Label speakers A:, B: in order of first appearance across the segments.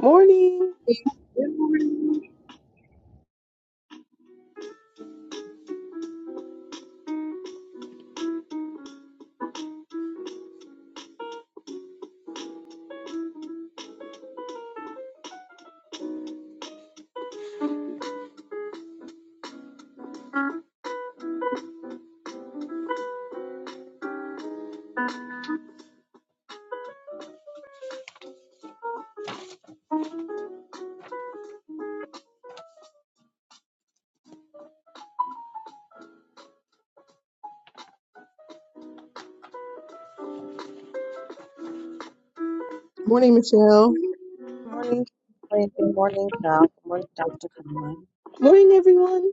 A: Morning.
B: Morning, Michelle.
C: Good morning. Wait, Good morning, Val. Good morning, Dr. Conlon.
A: Morning, everyone.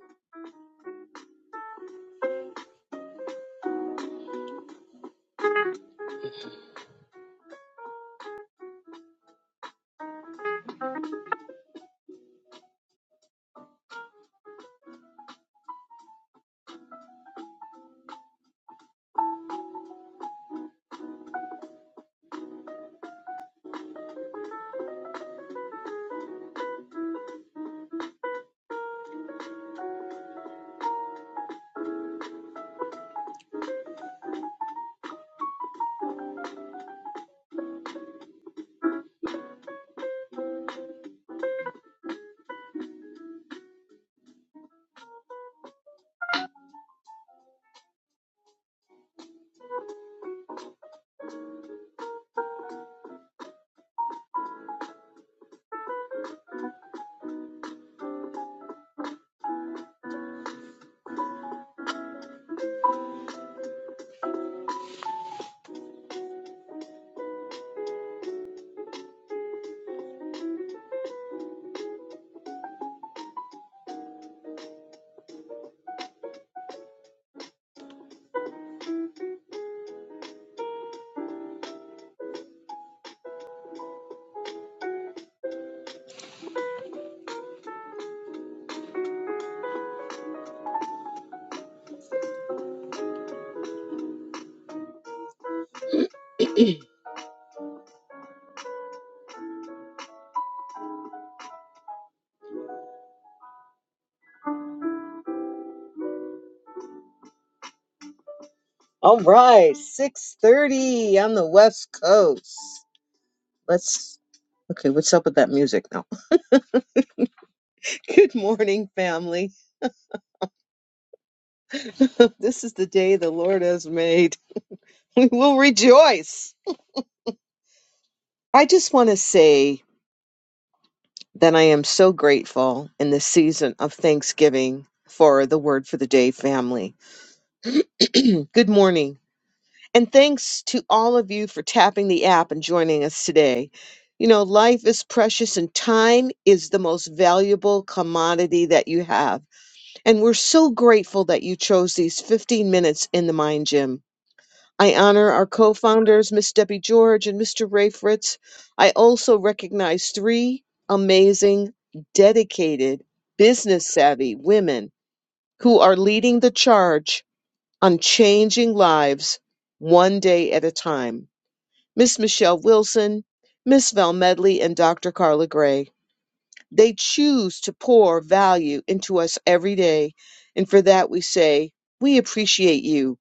A: All right, 6:30 on the West Coast. Let's Okay, what's up with that music now? Good morning, family. this is the day the Lord has made. We will rejoice. I just want to say that I am so grateful in this season of Thanksgiving for the word for the day family. Good morning. And thanks to all of you for tapping the app and joining us today. You know, life is precious and time is the most valuable commodity that you have. And we're so grateful that you chose these 15 minutes in the Mind Gym. I honor our co founders, Miss Debbie George and Mr. Ray Fritz. I also recognize three amazing, dedicated, business savvy women who are leading the charge on changing lives one day at a time. Miss Michelle Wilson, Miss Val Medley, and Dr. Carla Gray. They choose to pour value into us every day. And for that, we say, we appreciate you.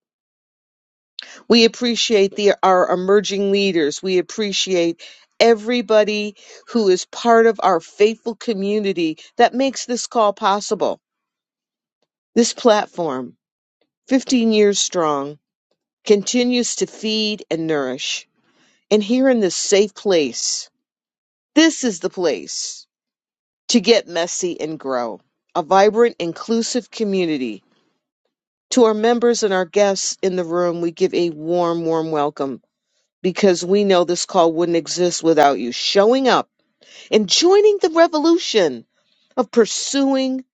A: We appreciate the, our emerging leaders. We appreciate everybody who is part of our faithful community that makes this call possible. This platform, 15 years strong, continues to feed and nourish. And here in this safe place, this is the place to get messy and grow. A vibrant, inclusive community. To our members and our guests in the room, we give a warm, warm welcome because we know this call wouldn't exist without you showing up and joining the revolution of pursuing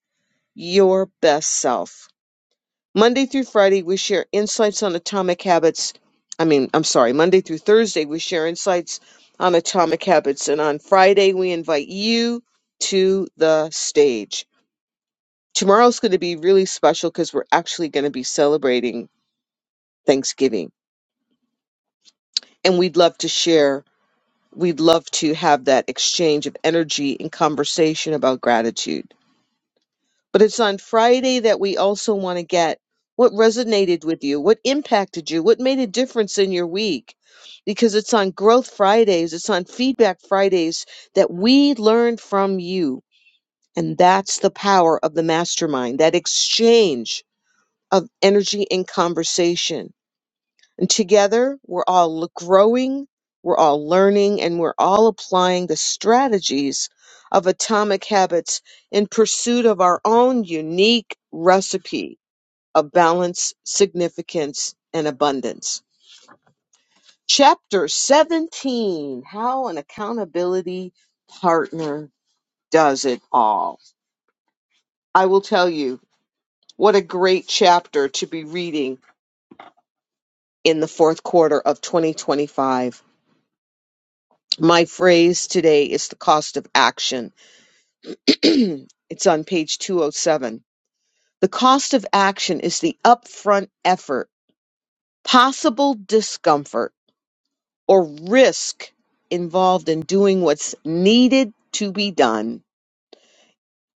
A: your best self. Monday through Friday, we share insights on atomic habits. I mean, I'm sorry, Monday through Thursday, we share insights on atomic habits. And on Friday, we invite you to the stage. tomorrow's going to be really special because we're actually going to be celebrating Thanksgiving. And we'd love to share, we'd love to have that exchange of energy and conversation about gratitude. But it's on Friday that we also want to get what resonated with you, what impacted you, what made a difference in your week. Because it's on Growth Fridays, it's on Feedback Fridays that we learn from you. And that's the power of the mastermind, that exchange of energy and conversation And together, we're all l- growing, we're all learning, and we're all applying the strategies of atomic habits in pursuit of our own unique recipe of balance, significance, and abundance. Chapter 17 How an Accountability Partner Does It All. I will tell you what a great chapter to be reading in the fourth quarter of 2025 My phrase today is the cost of action. it's on page 207. The cost of action is the upfront effort, possible discomfort, or risk involved in doing what's needed to be done.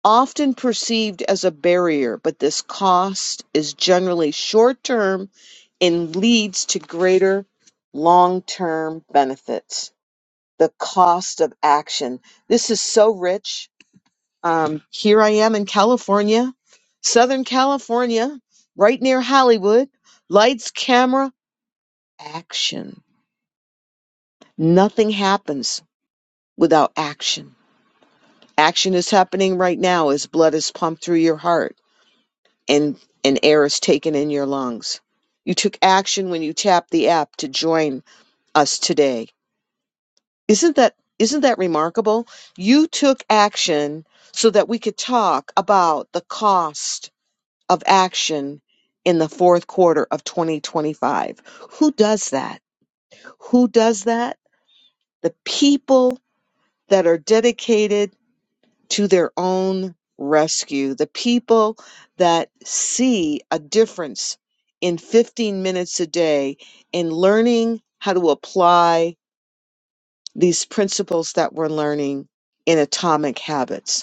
A: Often perceived as a barrier, but this cost is generally short term and leads to greater long term benefits. The cost of action. This is so rich Um, here I am in California, Southern California, right near Hollywood. Lights, camera, action. Nothing happens without action. Action is happening right now as blood is pumped through your heart and, and air is taken in your lungs. You took action when you tapped the app to join us today. Isn't that isn't that remarkable? You took action so that we could talk about the cost of action in the fourth quarter of 2025. Who does that? Who does that? The people that are dedicated to their own rescue, the people that see a difference in 15 minutes a day in learning how to apply these principles that we're learning in atomic habits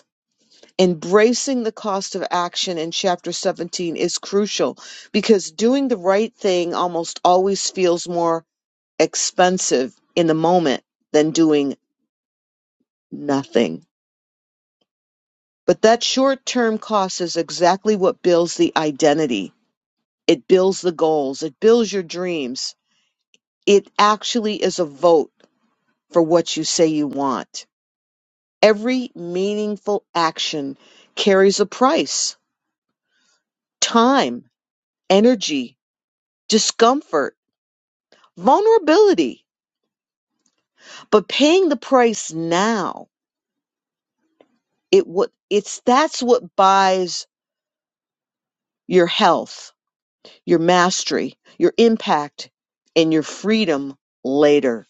A: embracing the cost of action in chapter 17 is crucial because doing the right thing almost always feels more expensive in the moment than doing nothing. But that short term cost is exactly what builds the identity. It builds the goals. It builds your dreams. It actually is a vote for what you say you want. Every meaningful action carries a price, time, energy, discomfort vulnerability but paying the price now it what it's that's what buys your health your mastery your impact and your freedom later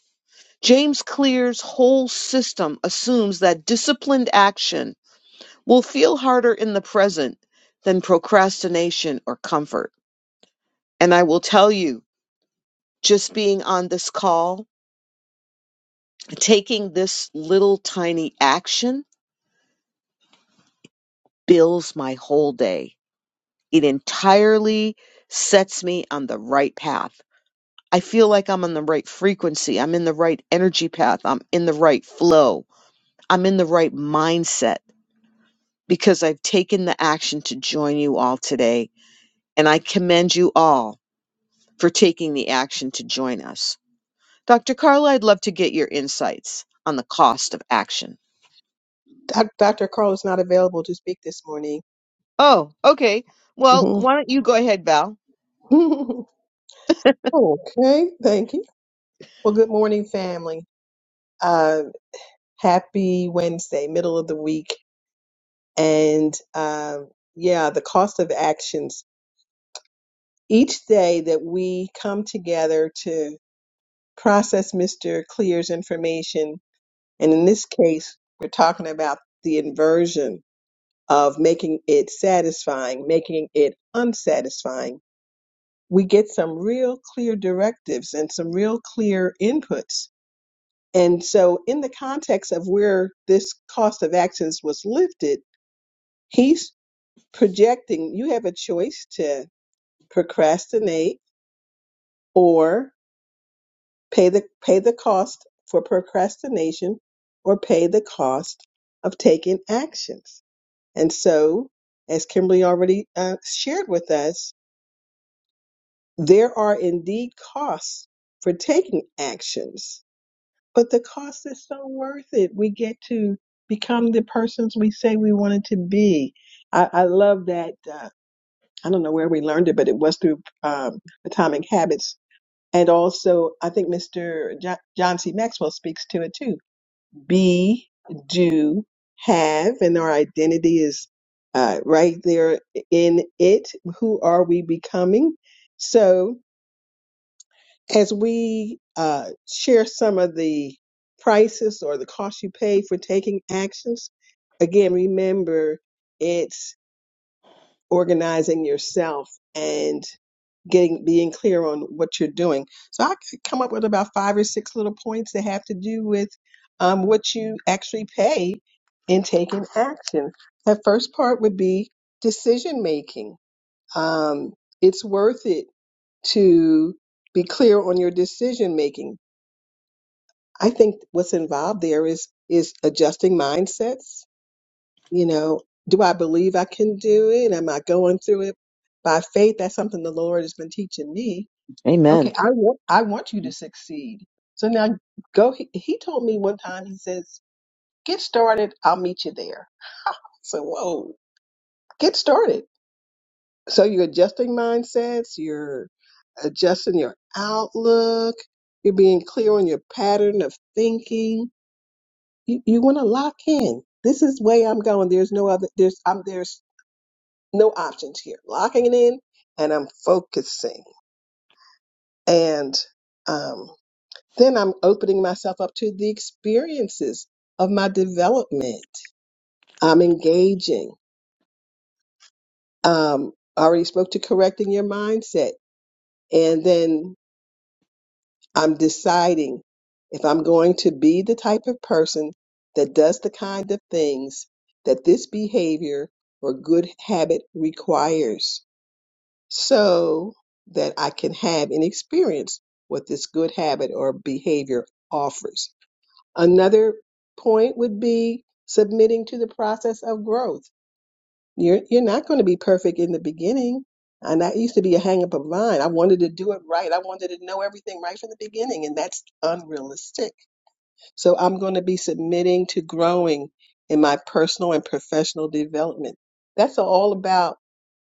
A: james clear's whole system assumes that disciplined action will feel harder in the present than procrastination or comfort and i will tell you just being on this call taking this little tiny action builds my whole day It entirely sets me on the right path. I feel like I'm on the right frequency. I'm in the right energy path. I'm in the right flow. I'm in the right mindset because I've taken the action to join you all today. And I commend you all for taking the action to join us. Dr. Carla, I'd love to get your insights on the cost of action.
B: Doc- Dr. Carl is not available to speak this morning.
A: Oh, okay. Well,
B: Mhm.
A: why don't you go ahead, Val?
B: okay, thank you. Well, good morning, family. Uh, happy Wednesday, middle of the week. And um, yeah, the cost of actions. Each day that we come together to process Mr. Clear's information, and in this case, we're talking about the inversion of making it satisfying, making it unsatisfying we get some real clear directives and some real clear inputs. And so, in the context of where this cost of actions was lifted, he's projecting you have a choice to procrastinate or pay the pay the cost for procrastination or pay the cost of taking actions. And so, as Kimberly already uh, shared with us, there are indeed costs for taking actions but the cost is so worth it. We get to become the persons we say we wanted to be. I, I love that. Uh, I don't know where we learned it, but it was through um, Atomic Habits. And also, I think Mr. Jo- John C. Maxwell speaks to it too. Be, do, have, and our identity is uh, right there in it. Who are we becoming? So, as we uh, share some of the prices or the cost you pay for taking actions, again, remember it's organizing yourself and getting being clear on what you're doing. So I could come up with about five or six little points that have to do with um, what you actually pay in taking action. That first part would be decision making. Um, it's worth it to be clear on your decision making I think what's involved there is is adjusting mindsets. You know, do I believe I can do it? Am I going through it by faith? That's something the Lord has been teaching me.
A: Amen.
B: Okay, I want I want you to succeed. So now go. He, he told me one time. He says, "Get started. I'll meet you there." So whoa, get started. So you're adjusting mindsets. You're adjusting your outlook. You're being clear on your pattern of thinking you, you want to lock in. This is way I'm going. There's no other. There's I'm there's no options here. Locking it in, and I'm focusing, and um, then I'm opening myself up to the experiences of my development. I'm engaging. Um, I already spoke to correcting your mindset, and then I'm deciding if I'm going to be the type of person that does the kind of things that this behavior or good habit requires so that I can have and experience what this good habit or behavior offers. Another point would be submitting to the process of growth you're you're not going to be perfect in the beginning. And that used to be a hang up of mine. I wanted to do it right. I wanted to know everything right from the beginning, and that's unrealistic. So I'm going to be submitting to growing in my personal and professional development. That's all about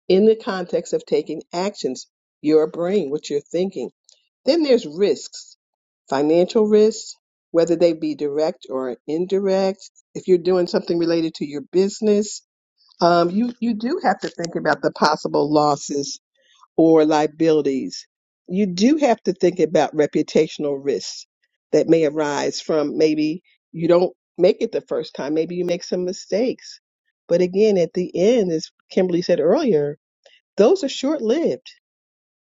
B: in the context of taking actions, your brain, what you're thinking. Then there's risks, financial risks, whether they be direct or indirect. If you're doing something related to your business, um, you, you do have to think about the possible losses or liabilities. You do have to think about reputational risks that may arise from maybe you don't make it the first time. Maybe you make some mistakes. But again, at the end, as Kimberly said earlier, those are short lived.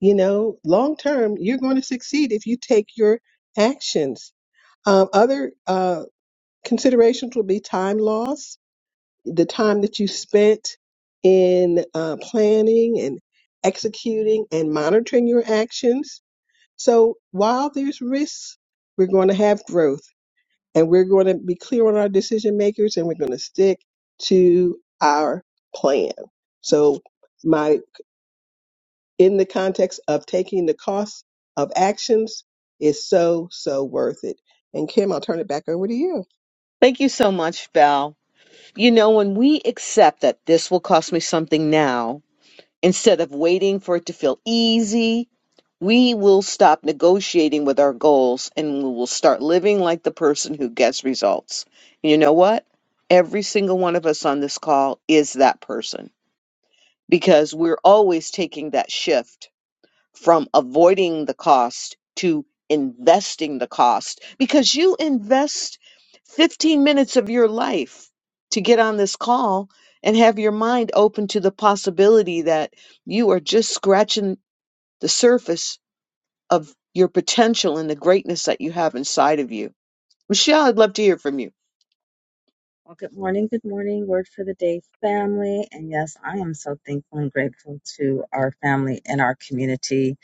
B: You know, long term, you're going to succeed if you take your actions. Um, other uh, considerations would be time loss the time that you spent in uh, planning and executing and monitoring your actions. So while there's risks, we're going to have growth and we're going to be clear on our decision makers and we're going to stick to our plan. So my in the context of taking the cost of actions is so, so worth it. And Kim, I'll turn it back over to you.
A: Thank you so much, Val. You know, when we accept that this will cost me something now, instead of waiting for it to feel easy, we will stop negotiating with our goals and we will start living like the person who gets results. And you know what? Every single one of us on this call is that person. because we're always taking that shift from avoiding the cost to investing the cost because you invest 15 minutes of your life to get on this call and have your mind open to the possibility that you are just scratching the surface of your potential and the greatness that you have inside of you. Michelle, I'd love to hear from you.
C: Well, good morning, good morning, word for the day, family. And yes, I am so thankful and grateful to our family and our community.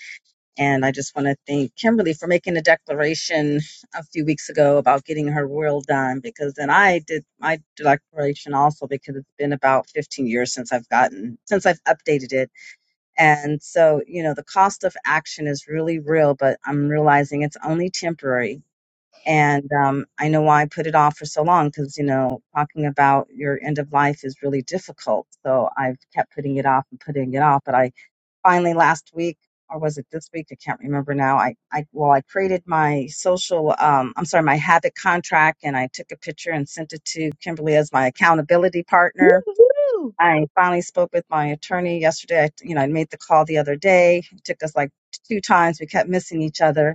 C: And I just want to thank Kimberly for making a declaration a few weeks ago about getting her will done because then I did my declaration also because it's been about 15 years since I've gotten, since I've updated it. And so, you know, the cost of action is really real, but I'm realizing it's only temporary And um, I know why I put it off for so long because, you know, talking about your end of life is really difficult. So I've kept putting it off and putting it off. But I finally last week, or was it this week? I can't remember now. I, I well, I created my social, um, I'm sorry, my habit contract, and I took a picture and sent it to Kimberly as my accountability partner.
A: Woo-hoo!
C: I finally spoke with my attorney yesterday. I, you know, I made the call the other day. It took us like two times. We kept missing each other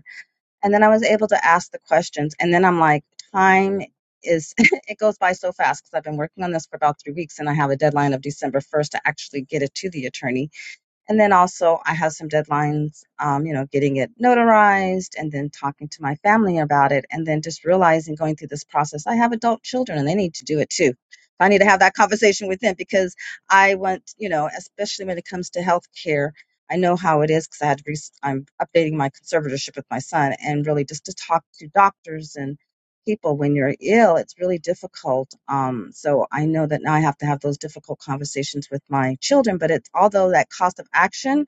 C: and then I was able to ask the questions. And then I'm like, time is it goes by so fast because I've been working on this for about three weeks, and I have a deadline of December 1st to actually get it to the attorney. And then also, I have some deadlines, um, you know, getting it notarized and then talking to my family about it. And then just realizing going through this process, I have adult children and they need to do it too. I need to have that conversation with them because I want, you know, especially when it comes to healthcare, I know how it is because I had, rec- I'm updating my conservatorship with my son and really just to talk to doctors and people when you're ill it's really difficult um, so i know that now i have to have those difficult conversations with my children but it's although that cost of action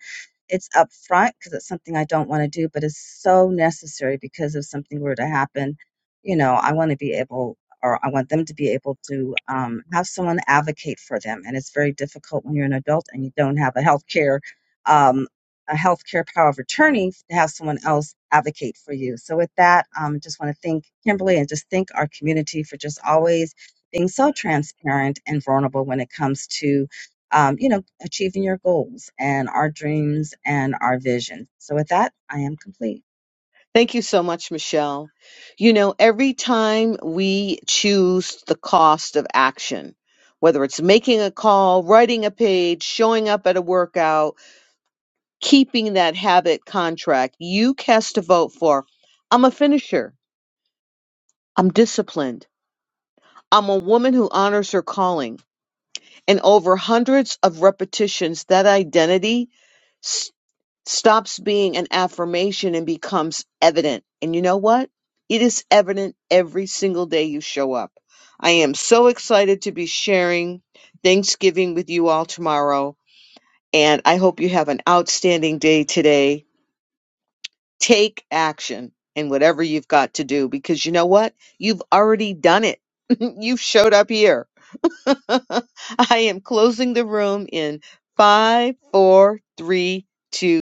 C: it's upfront because it's something i don't want to do but it's so necessary because if something were to happen you know i want to be able or i want them to be able to um, have someone advocate for them and it's very difficult when you're an adult and you don't have a healthcare um, a healthcare power of attorney to have someone else advocate for you. So with that, um, just want to thank Kimberly and just thank our community for just always being so transparent and vulnerable when it comes to, um, you know, achieving your goals and our dreams and our vision. So with that, I am complete.
A: Thank you so much, Michelle. You know, every time we choose the cost of action, whether it's making a call, writing a page, showing up at a workout, keeping that habit contract, you cast a vote for I'm a finisher. I'm disciplined. I'm a woman who honors her calling. And over hundreds of repetitions, that identity stops being an affirmation and becomes evident. And you know what? It is evident every single day you show up. I am so excited to be sharing Thanksgiving with you all tomorrow. And I hope you have an outstanding day today. Take action in whatever you've got to do because you know what? You've already done it. you've showed up here. I am closing the room in five, four, three, two.